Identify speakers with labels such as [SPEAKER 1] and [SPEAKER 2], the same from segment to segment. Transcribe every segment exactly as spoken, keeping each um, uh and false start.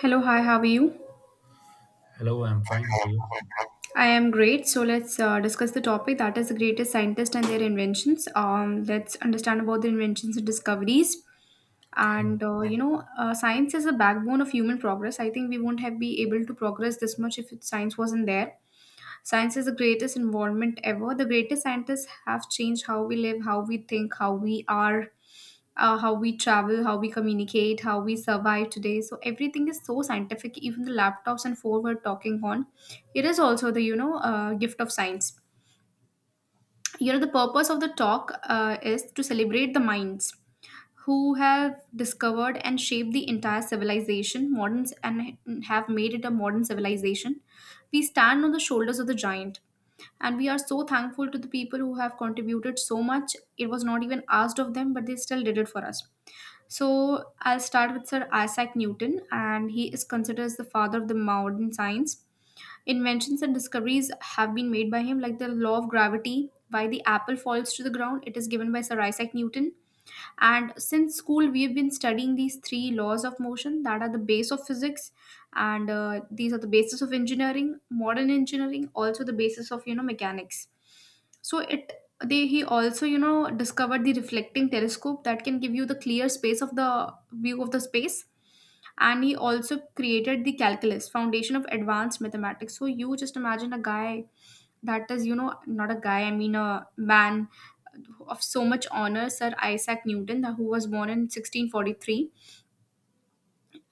[SPEAKER 1] Hello, hi, how are you?
[SPEAKER 2] Hello, I'm fine. How are you?
[SPEAKER 1] I am great. So let's uh, discuss the topic that is the greatest scientists and their inventions. Um, let's understand about the inventions and discoveries.
[SPEAKER 2] Okay.
[SPEAKER 1] And uh, you know, uh, science is the backbone of human progress. I think we won't have be able to progress this much if it, science wasn't there. Science is the greatest involvement ever. The greatest scientists have changed how we live, how we think, how we are, uh, how we travel, how we communicate, how we survive today. So everything is so scientific. Even the laptops and phone we're talking on, it is also the you know uh, gift of science. You know the purpose of the talk uh, is to celebrate the minds who have discovered and shaped the entire civilization, moderns, and have made it a modern civilization. We stand on the shoulders of the giant, and we are so thankful to the people who have contributed so much. It was not even asked of them, but they still did it for us. So I'll start with Sir Isaac Newton, and he is considered as the father of the modern science. Inventions and discoveries have been made by him, like the law of gravity. Why the apple falls to the ground, it is given by Sir Isaac Newton. And since school, we have been studying these three laws of motion that are the base of physics, and uh, these are the basis of engineering, modern engineering, also the basis of you know mechanics. So it they he also you know discovered the reflecting telescope that can give you the clear space of the view of the space, and he also created the calculus foundation of advanced mathematics. So you just imagine a guy that is you know not a guy, I mean a man of so much honor, Sir Isaac Newton, who was born in sixteen forty-three.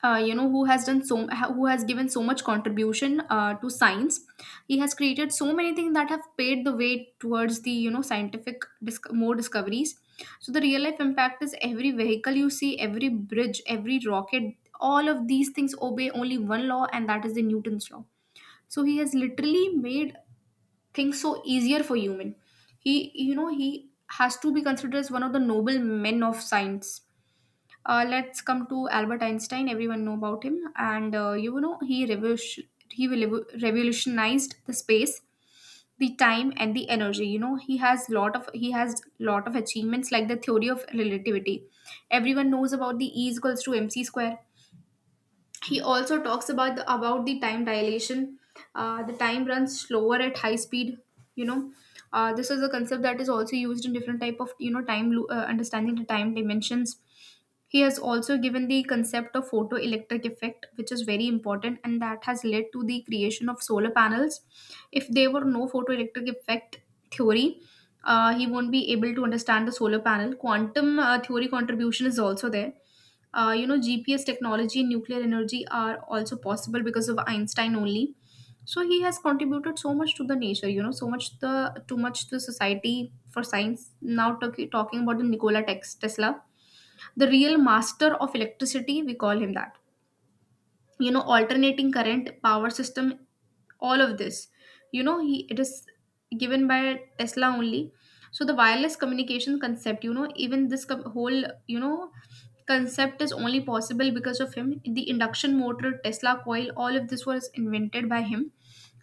[SPEAKER 1] uh, You know, who has done so ha- who has given so much contribution uh, to science. He has created so many things that have paid the way towards the you know scientific disc- more discoveries. So the real life impact is every vehicle you see, every bridge, every rocket, all of these things obey only one law, and that is the Newton's law. So he has literally made things so easier for human. He you know he has to be considered as one of the noble men of science. Uh, let's come to Albert Einstein. Everyone know about him, and uh, you know he revolution he will revolutionized the space, the time, and the energy. You know he has lot of he has lot of achievements like the theory of relativity. Everyone knows about the E is equals to mc square. He also talks about the about the time dilation. Uh, the time runs slower at high speed, you know. Uh, this is a concept that is also used in different type of you know time lo- uh, understanding the time dimensions. He has also given the concept of photoelectric effect, which is very important, and that has led to the creation of solar panels. If there were no photoelectric effect theory, uh, he won't be able to understand the solar panel. Quantum uh, theory contribution is also there. Uh, you know, GPS technology and nuclear energy are also possible because of Einstein only. So he has contributed so much to the nature, you know, so much, the too much to society for science. Now talk, talking about the nikola Tex- tesla, the real master of electricity, we call him that. You know, alternating current power system, all of this, you know, he it is given by Tesla only. So the wireless communication concept, you know, even this co- whole you know concept is only possible because of him. The induction motor, Tesla coil, all of this was invented by him,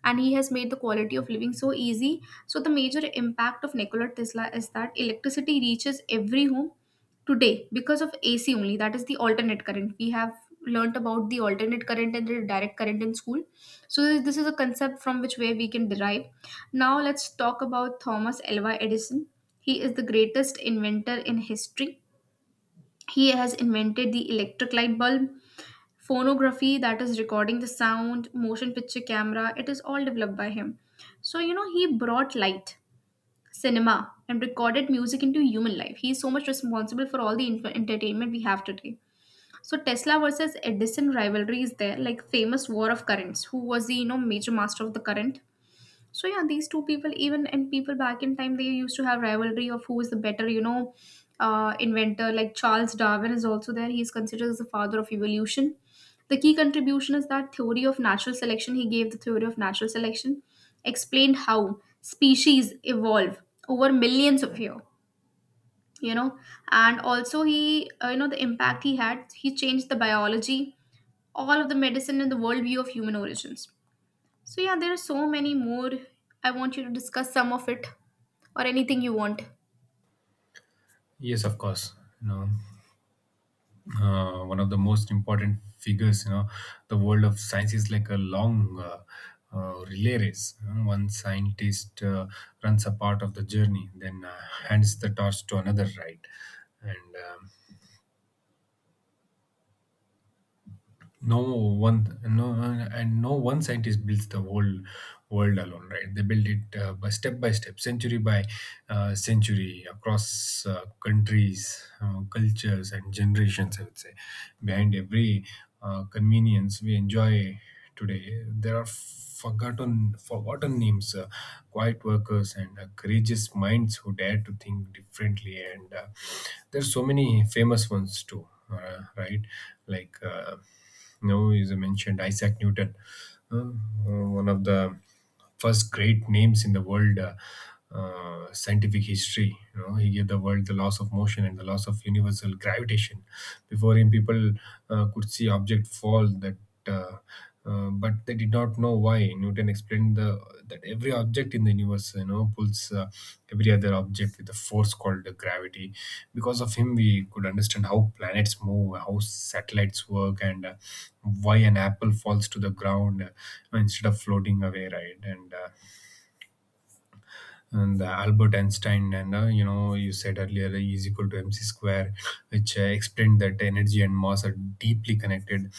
[SPEAKER 1] and he has made the quality of living so easy. So, the major impact of Nikola Tesla is that electricity reaches every home today because of A C only, that is the alternate current. We have learnt about the alternate current and the direct current in school. So, this is a concept from which way we can derive. Now, let's talk about Thomas Alva Edison. He is the greatest inventor in history. He has invented the electric light bulb, phonography, that is recording the sound, motion picture camera, it is all developed by him. So you know he brought light, cinema, and recorded music into human life. He is so much responsible for all the inf- entertainment we have today. So Tesla versus Edison rivalry is there, like famous war of currents, who was the you know major master of the current. So yeah, these two people, even and people back in time, they used to have rivalry of who is the better, you know, uh, inventor. Like Charles Darwin is also there. He is considered as the father of evolution. The key contribution is that theory of natural selection. He gave the theory of natural selection, explained how species evolve over millions of years. You know, and also he, uh, you know, the impact he had. He changed the biology, all of the medicine, and the worldview of human origins. So yeah, there are so many more. I want you to discuss some of it or anything you want.
[SPEAKER 2] Yes, of course. You know, uh, one of the most important figures, you know, the world of science is like a long uh, uh, relay race. you know. One scientist uh, runs a part of the journey, then uh, hands the torch to another, right? And um, no one no and no one scientist builds the whole world alone, right? They build it uh, by step by step, century by uh, century, across uh, countries, uh, cultures and generations. I would say behind every uh, convenience we enjoy today there are forgotten forgotten names, uh, quiet workers and uh, courageous minds who dare to think differently. And uh, There's so many famous ones too, uh, right? like uh, you know, is mentioned Isaac Newton, um, uh, one of the first great names in the world uh, uh, scientific history. You know, he gave the world the laws of motion and the laws of universal gravitation. Before him, people uh, could see object fall that. Uh, uh, but they did not know why. Newton explained the, that every object in the universe, you know, pulls uh, every other object with a force called the gravity. Because of him, we could understand how planets move, how satellites work, and uh, why an apple falls to the ground uh, instead of floating away, right? And uh, and uh, Albert Einstein, and uh, you know, you said earlier, E is equal to mc square, which uh, explained that energy and mass are deeply connected.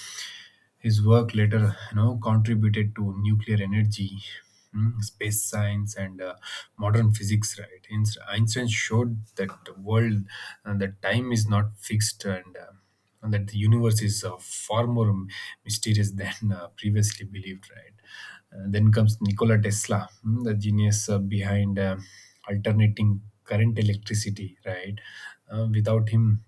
[SPEAKER 2] His work later, you know, contributed to nuclear energy, mm, space science, and uh, modern physics. Right, Einst- Einstein showed that the world, uh, that time is not fixed, and uh, and that the universe is uh, far more m- mysterious than uh, previously believed. Right. Uh, then comes Nikola Tesla, mm, the genius uh, behind uh, alternating current electricity. Right. Uh, without him,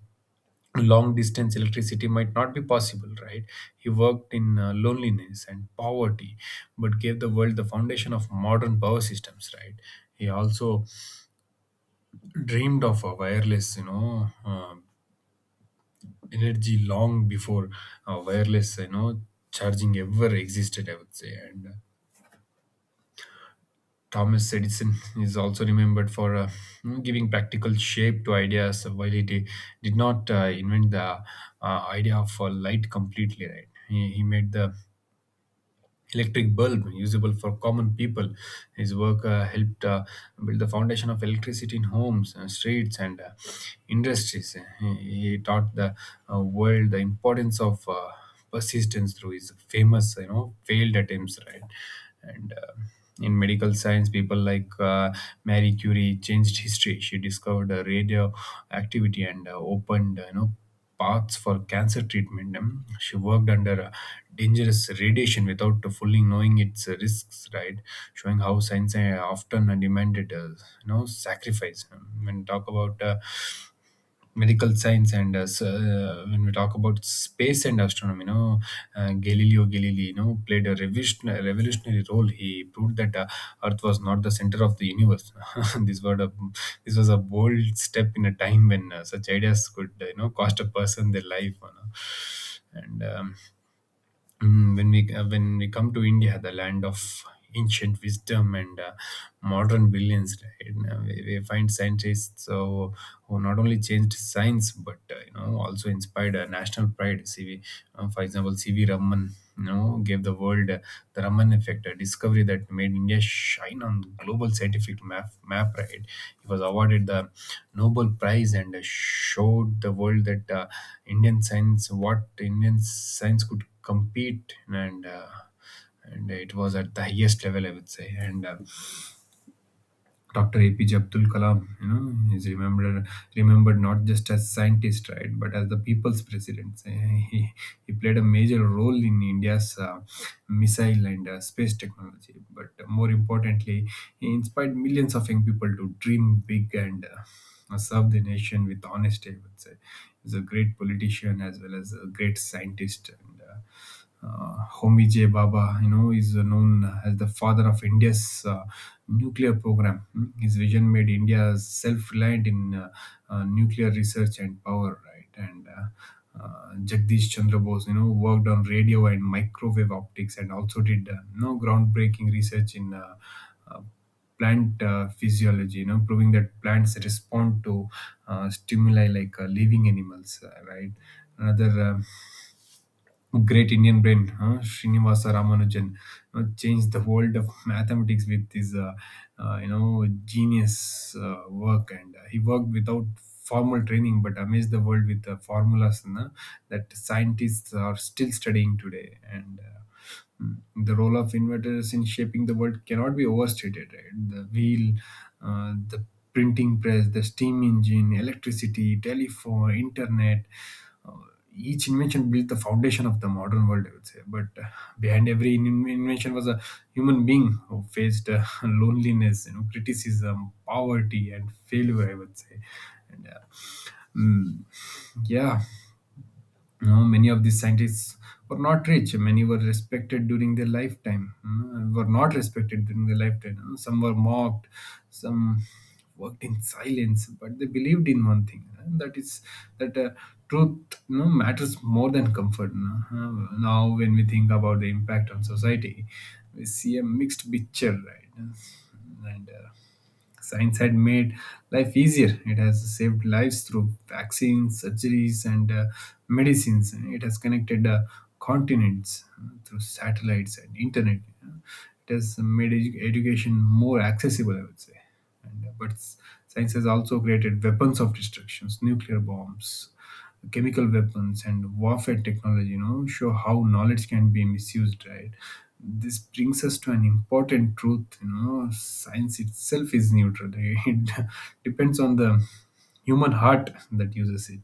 [SPEAKER 2] long distance electricity might not be possible, right? He worked in uh, loneliness and poverty, but gave the world the foundation of modern power systems, right? He also dreamed of a wireless, you know uh, energy long before uh, wireless, you know charging ever existed, I would say. And uh, Thomas Edison is also remembered for uh, giving practical shape to ideas. While he di- did not uh, invent the uh, idea of uh, light completely, right? He, he made the electric bulb usable for common people. His work uh, helped uh, build the foundation of electricity in homes, uh, streets and uh, industries. He, he taught the uh, world the importance of uh, persistence through his famous, you know, failed attempts, right? and uh, In medical science, people like uh, Marie Curie changed history. She discovered uh, radio and uh, opened, uh, you know paths for cancer treatment. Um, she worked under uh, dangerous radiation without fully knowing its uh, risks, right? Showing how science uh, often demanded, uh, you know, sacrifice. Um, when talk about uh, medical science and uh, s- uh, when we talk about space and astronomy, you know, uh, Galileo Galilei, you know, played a revision- a revolutionary role. He proved that uh, earth was not the center of the universe. this was a this was a bold step in a time when uh, such ideas could, uh, you know cost a person their life, you know. and um, Mm, when we uh, when we come to India, the land of ancient wisdom and uh, modern brilliance, right? Now, we, we find scientists so who not only changed science but uh, you know also inspired uh, national pride. C V, uh, for example, C V Raman, you know, gave the world uh, the Raman effect, a discovery that made India shine on the global scientific map. Map, right? He was awarded the Nobel Prize and uh, showed the world that uh, Indian science, what Indian science could compete, and uh, and it was at the highest level, I would say. And uh, Dr. APJ Abdul Kalam, you know, is remembered remembered not just as scientist, right, but as the people's president. Uh, he, he played a major role in India's uh, missile and uh, space technology, but more importantly he inspired millions of young people to dream big, and uh, serve the nation with honesty. I would say he's a great politician as well as a great scientist. And uh, uh, Homi J. Baba, you know, is uh, known as the father of India's uh, nuclear program. Mm, his vision made India self-reliant in uh, uh, nuclear research and power, right? And uh, uh, Jagdish Chandra Bose, you know, worked on radio and microwave optics, and also did, uh, you know, groundbreaking research in uh, uh, plant uh, physiology, you know, proving that plants respond to uh, stimuli like uh, living animals, uh, right? Another, um, great Indian brain, huh? Srinivasa Ramanujan, you know, changed the world of mathematics with his, uh, uh, you know, genius uh, work. And uh, He worked without formal training, but amazed the world with the formulas na, that scientists are still studying today. And uh, Mm. The role of inventors in shaping the world cannot be overstated, right? The wheel, uh, the printing press, the steam engine, electricity, telephone, internet, uh, each invention built the foundation of the modern world, I would say. But uh, behind every in- invention was a human being who faced uh, loneliness, you know, criticism, poverty, and failure, I would say. And uh, mm, yeah, you many of these scientists were not rich. Many were respected during their lifetime. Mm, were not respected during their lifetime. You some were mocked. Some worked in silence, but they believed in one thing, and that is that uh, truth, you know, matters more than comfort. you know. Uh, Now, when we think about the impact on society, we see a mixed picture, right? And uh, Science had made life easier. It has saved lives through vaccines, surgeries, and uh, medicines. And it has connected uh, continents uh, through satellites and internet. It has made edu- education more accessible, I would say. And, uh, but s- Science has also created weapons of destructions. Nuclear bombs, chemical weapons and warfare technology, you know, show how knowledge can be misused, right? This brings us to an important truth, you know, science itself is neutral. It depends on the human heart that uses it.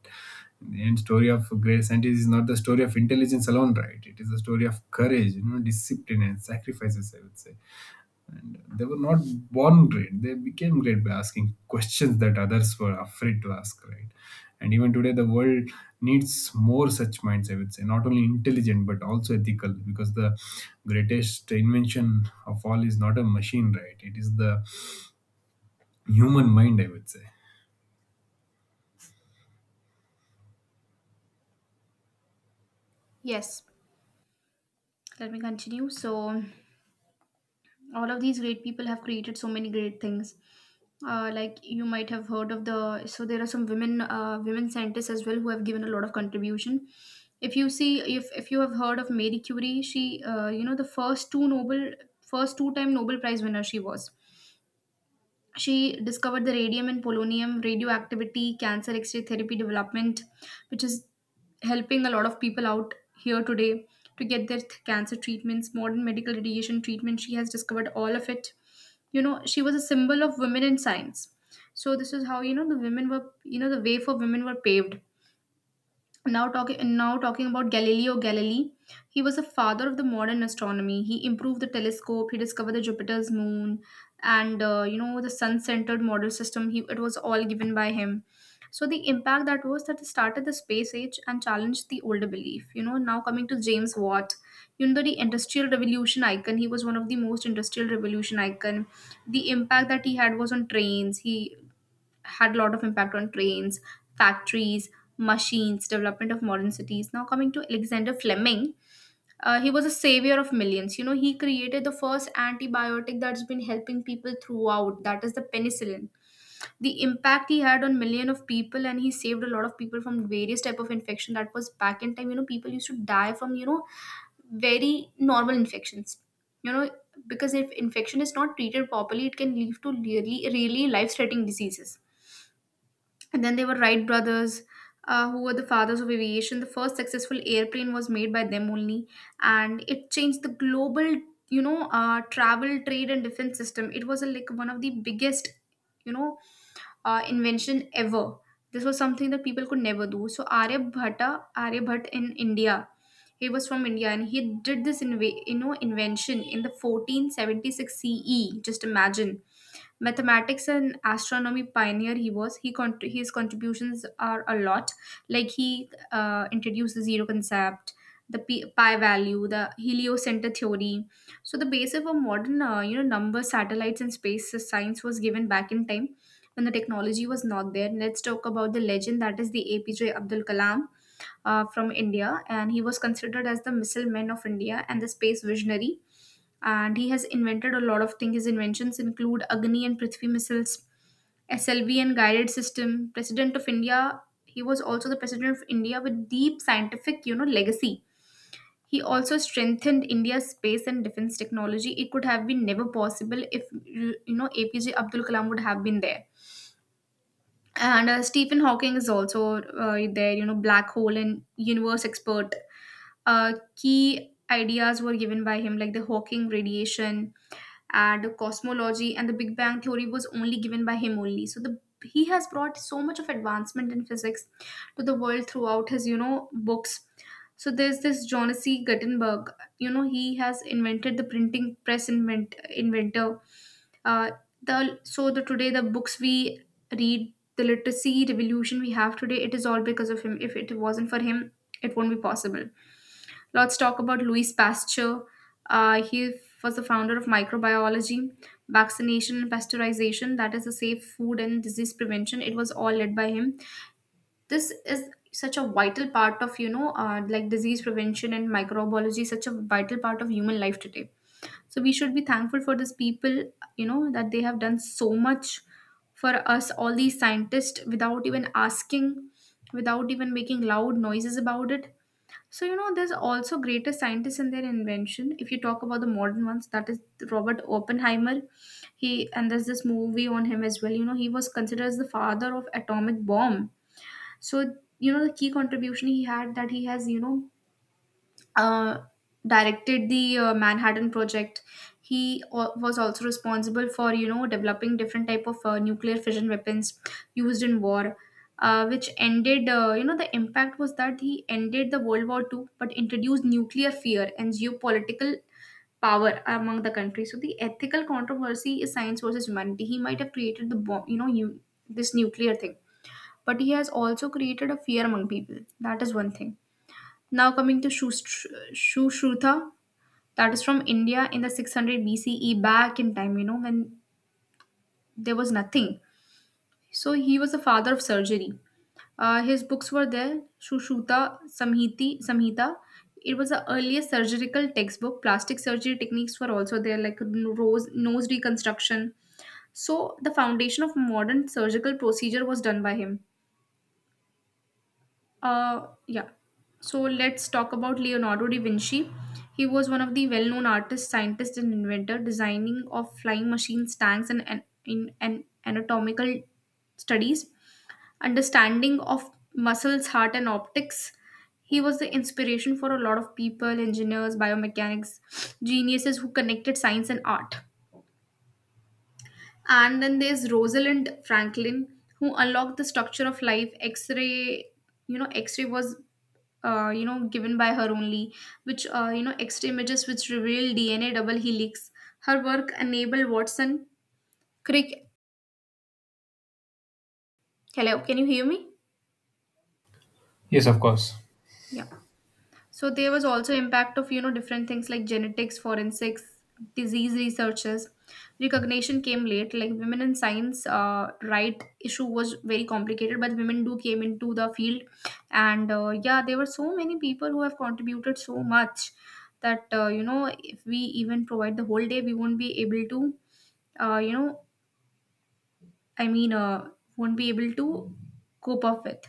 [SPEAKER 2] The end story of great scientist is not the story of intelligence alone, right? It is the story of courage, you know, discipline and sacrifices, I would say. They were not born great. They became great by asking questions that others were afraid to ask, right? And even today, the world needs more such minds, I would say, not only intelligent, but also ethical, because the greatest invention of all is not a machine, right? It is the human mind, I would say.
[SPEAKER 1] Yes. Let me continue. So all of these great people have created so many great things. Uh, like you might have heard of the, so there are some women uh, women scientists as well who have given a lot of contribution. If you see, if if you have heard of Marie Curie, she uh, you know, the first two Nobel first two time Nobel Prize winner she was. She discovered the radium and polonium, radioactivity, cancer x-ray therapy development, which is helping a lot of people out here today to get their th- cancer treatments, modern medical radiation treatment. She has discovered all of it. You know, she was a symbol of women in science. So this is how you know the women were, you know, the way for women were paved. Now talking now talking about Galileo Galilei, he was a father of the modern astronomy. He improved the telescope. He discovered the Jupiter's moon, and uh, you know the sun-centered model system. He it was all given by him. So the impact that was that it started the space age and challenged the older belief. You know, now coming to James Watt, you know the industrial revolution icon. He was one of the most industrial revolution icon. The impact that he had was on trains. He had a lot of impact on trains, factories, machines, development of modern cities. Now coming to Alexander Fleming, uh, he was a savior of millions. You know, he created the first antibiotic that's been helping people throughout. That is the penicillin. The impact he had on million of people, and he saved a lot of people from various type of infection. That was back in time. You know, people used to die from you know very normal infections. You know, because if infection is not treated properly, it can lead to really, really life-threatening diseases. And then there were Wright brothers, uh, who were the fathers of aviation. The first successful airplane was made by them only, and it changed the global, you know, uh, travel, trade, and defense system. It was a, like one of the biggest, you know, uh, invention ever. This was something that people could never do. So Arya Bhatta, Arya Bhatt in India, he was from India, and he did this in, you know invention in the fourteen seventy-six C E. Just imagine, mathematics and astronomy pioneer he was. He con- his contributions are a lot. Like he uh, introduced the zero concept, the pi pi value, the heliocenter theory. So the basis of modern uh, you know number, satellites, and space science was given back in time when the technology was not there. Let's talk about the legend that is the APJ Abdul Kalam, uh, from India. And he was considered as the missile man of India and the space visionary, and he has invented a lot of things. His inventions include Agni and Prithvi missiles, S L V and guided system. President of India, he was also the president of India with deep scientific, you know, legacy. He also strengthened India's space and defense technology. It could have been never possible if you know A P J Abdul Kalam would have been there. And uh, Stephen Hawking is also uh, there, you know, black hole and universe expert. Uh, key ideas were given by him, like the Hawking radiation, and cosmology, and the big bang theory was only given by him only. So the he has brought so much of advancement in physics to the world throughout his you know books. So there's this John C. Gutenberg. You know he has invented the printing press, invent, inventor. uh, the so the Today the books we read, the literacy revolution we have today, it is all because of him. If it wasn't for him, it won't be possible. Let's talk about Louis Pasteur. Uh, he was the founder of microbiology, vaccination, and pasteurization. That is a safe food and disease prevention. It was all led by him. This is such a vital part of you know uh, like disease prevention and microbiology. Such a vital part of human life today, so we should be thankful for these people, you know, that they have done so much for us, all these scientists, without even asking, without even making loud noises about it. So, you know, there's also greater scientists in their invention. If you talk about the modern ones, that is Robert Oppenheimer. He and There's this movie on him as well. You know, he was considered as the father of atomic bomb. So, you know, the key contribution he had, that he has, you know, uh, directed the uh, Manhattan Project. he al- was also responsible for, you know, developing different type of uh, nuclear fission weapons used in war, uh, which ended, uh, you know the impact was that he ended the World War Two, but introduced nuclear fear and geopolitical power among the countries. So the ethical controversy is science versus humanity. He might have created the bomb, you know you, this nuclear thing, but he has also created a fear among people. That is one thing. Now coming to Shush- Sushruta, that is from India in the six hundred B C E, back in time, you know, when there was nothing. So he was the father of surgery. Uh, his books were there, Sushruta Samhiti, Samhita. It was the earliest surgical textbook. Plastic surgery techniques were also there, like rose, nose reconstruction. So the foundation of modern surgical procedure was done by him. Uh, yeah. So let's talk about Leonardo da Vinci. He was one of the well known artists, scientists, and inventor, designing of flying machines, tanks, and, and in and anatomical studies, understanding of muscles, heart, and optics. He was the inspiration for a lot of people, engineers, biomechanics, geniuses who connected science and art. And then there's Rosalind Franklin, who unlocked the structure of life. X-ray, you know, X-ray was, uh, you know, given by her only, which, uh, you know, X-ray images which reveal D N A double helix. Her work enabled Watson Crick. Hello, can you hear me?
[SPEAKER 2] Yes, of course.
[SPEAKER 1] Yeah. So there was also impact of, you know, different things like genetics, forensics, disease researches. Recognition came late. Like women in science, uh, right issue was very complicated, but women do came into the field, and uh, yeah, there were so many people who have contributed so much that, uh, you know if we even provide the whole day, we won't be able to, uh, you know, I mean, uh, won't be able to cope up with.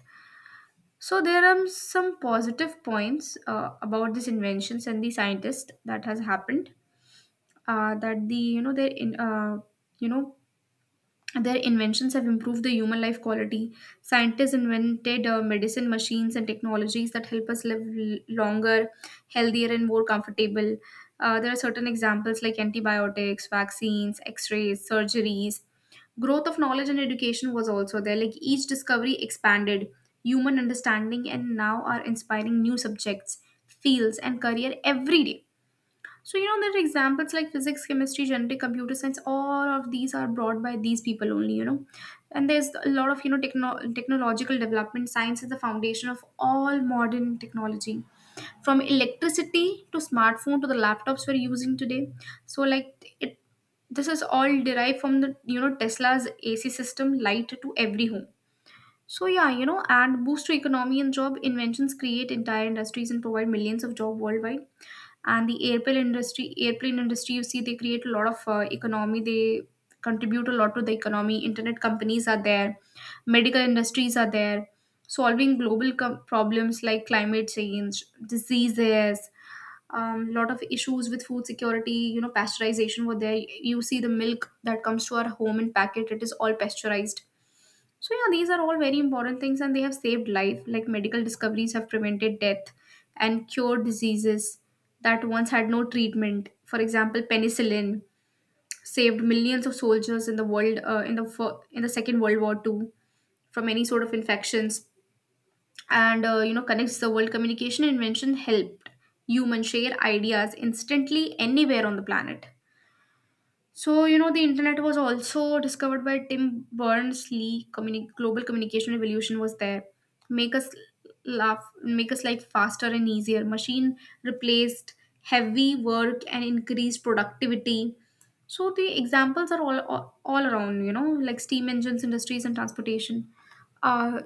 [SPEAKER 1] So there are some positive points uh, about these inventions and the scientists that has happened. Uh, that the you know they in uh, you know Their inventions have improved the human life quality. Scientists invented uh, medicine machines and technologies that help us live l- longer, healthier, and more comfortable. Uh, there are certain examples like antibiotics, vaccines, x rays, surgeries. Growth of knowledge and education was also there. Like each discovery expanded human understanding and now are inspiring new subjects, fields, and career every day. So, you know, there are examples like physics, chemistry, genetic, computer science, all of these are brought by these people only, you know. And there's a lot of, you know, techno- technological development. Science is the foundation of all modern technology. From electricity to smartphone to the laptops we're using today. So, like, it this is all derived from the, you know, Tesla's A C system, light to every home. So yeah, you know, and boost to economy and job. Inventions create entire industries and provide millions of job worldwide, and the airplane industry airplane industry, you see, they create a lot of uh, economy. They contribute a lot to the economy. Internet companies are there, medical industries are there, solving global com- problems like climate change, diseases, um, lot of issues with food security. You know, pasteurization were there. You see the milk that comes to our home in packet, it is all pasteurized. So yeah, these are all very important things and they have saved life. Like medical discoveries have prevented death and cured diseases that once had no treatment. For example, penicillin saved millions of soldiers in the world, uh, in the fir- in the Second World War too, from any sort of infections. And uh, you know, connects the world. Communication invention helped human share ideas instantly anywhere on the planet. So, you know, the internet was also discovered by Tim Berners-Lee. Communi- global communication revolution was there. Make us laugh, make us life faster and easier. Machine replaced heavy work and increased productivity. So the examples are all, all all around, you know, like steam engines, industries, and transportation. Uh,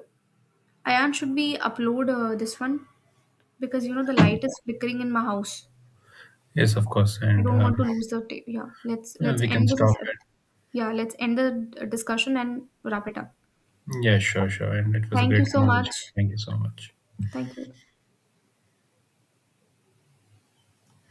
[SPEAKER 1] Ayan, should we upload uh, this one, because you know the light is flickering in my house.
[SPEAKER 2] Yes, of course.
[SPEAKER 1] I
[SPEAKER 2] And
[SPEAKER 1] don't
[SPEAKER 2] um,
[SPEAKER 1] want to lose the tape. Yeah, let's
[SPEAKER 2] uh,
[SPEAKER 1] let's
[SPEAKER 2] We can
[SPEAKER 1] end this.
[SPEAKER 2] stop
[SPEAKER 1] Yeah, let's end the discussion and wrap it up.
[SPEAKER 2] it. Yeah, sure, sure. And it was a
[SPEAKER 1] Thank you
[SPEAKER 2] great
[SPEAKER 1] so
[SPEAKER 2] conversation.
[SPEAKER 1] much.
[SPEAKER 2] Thank you so much.
[SPEAKER 1] Thank you.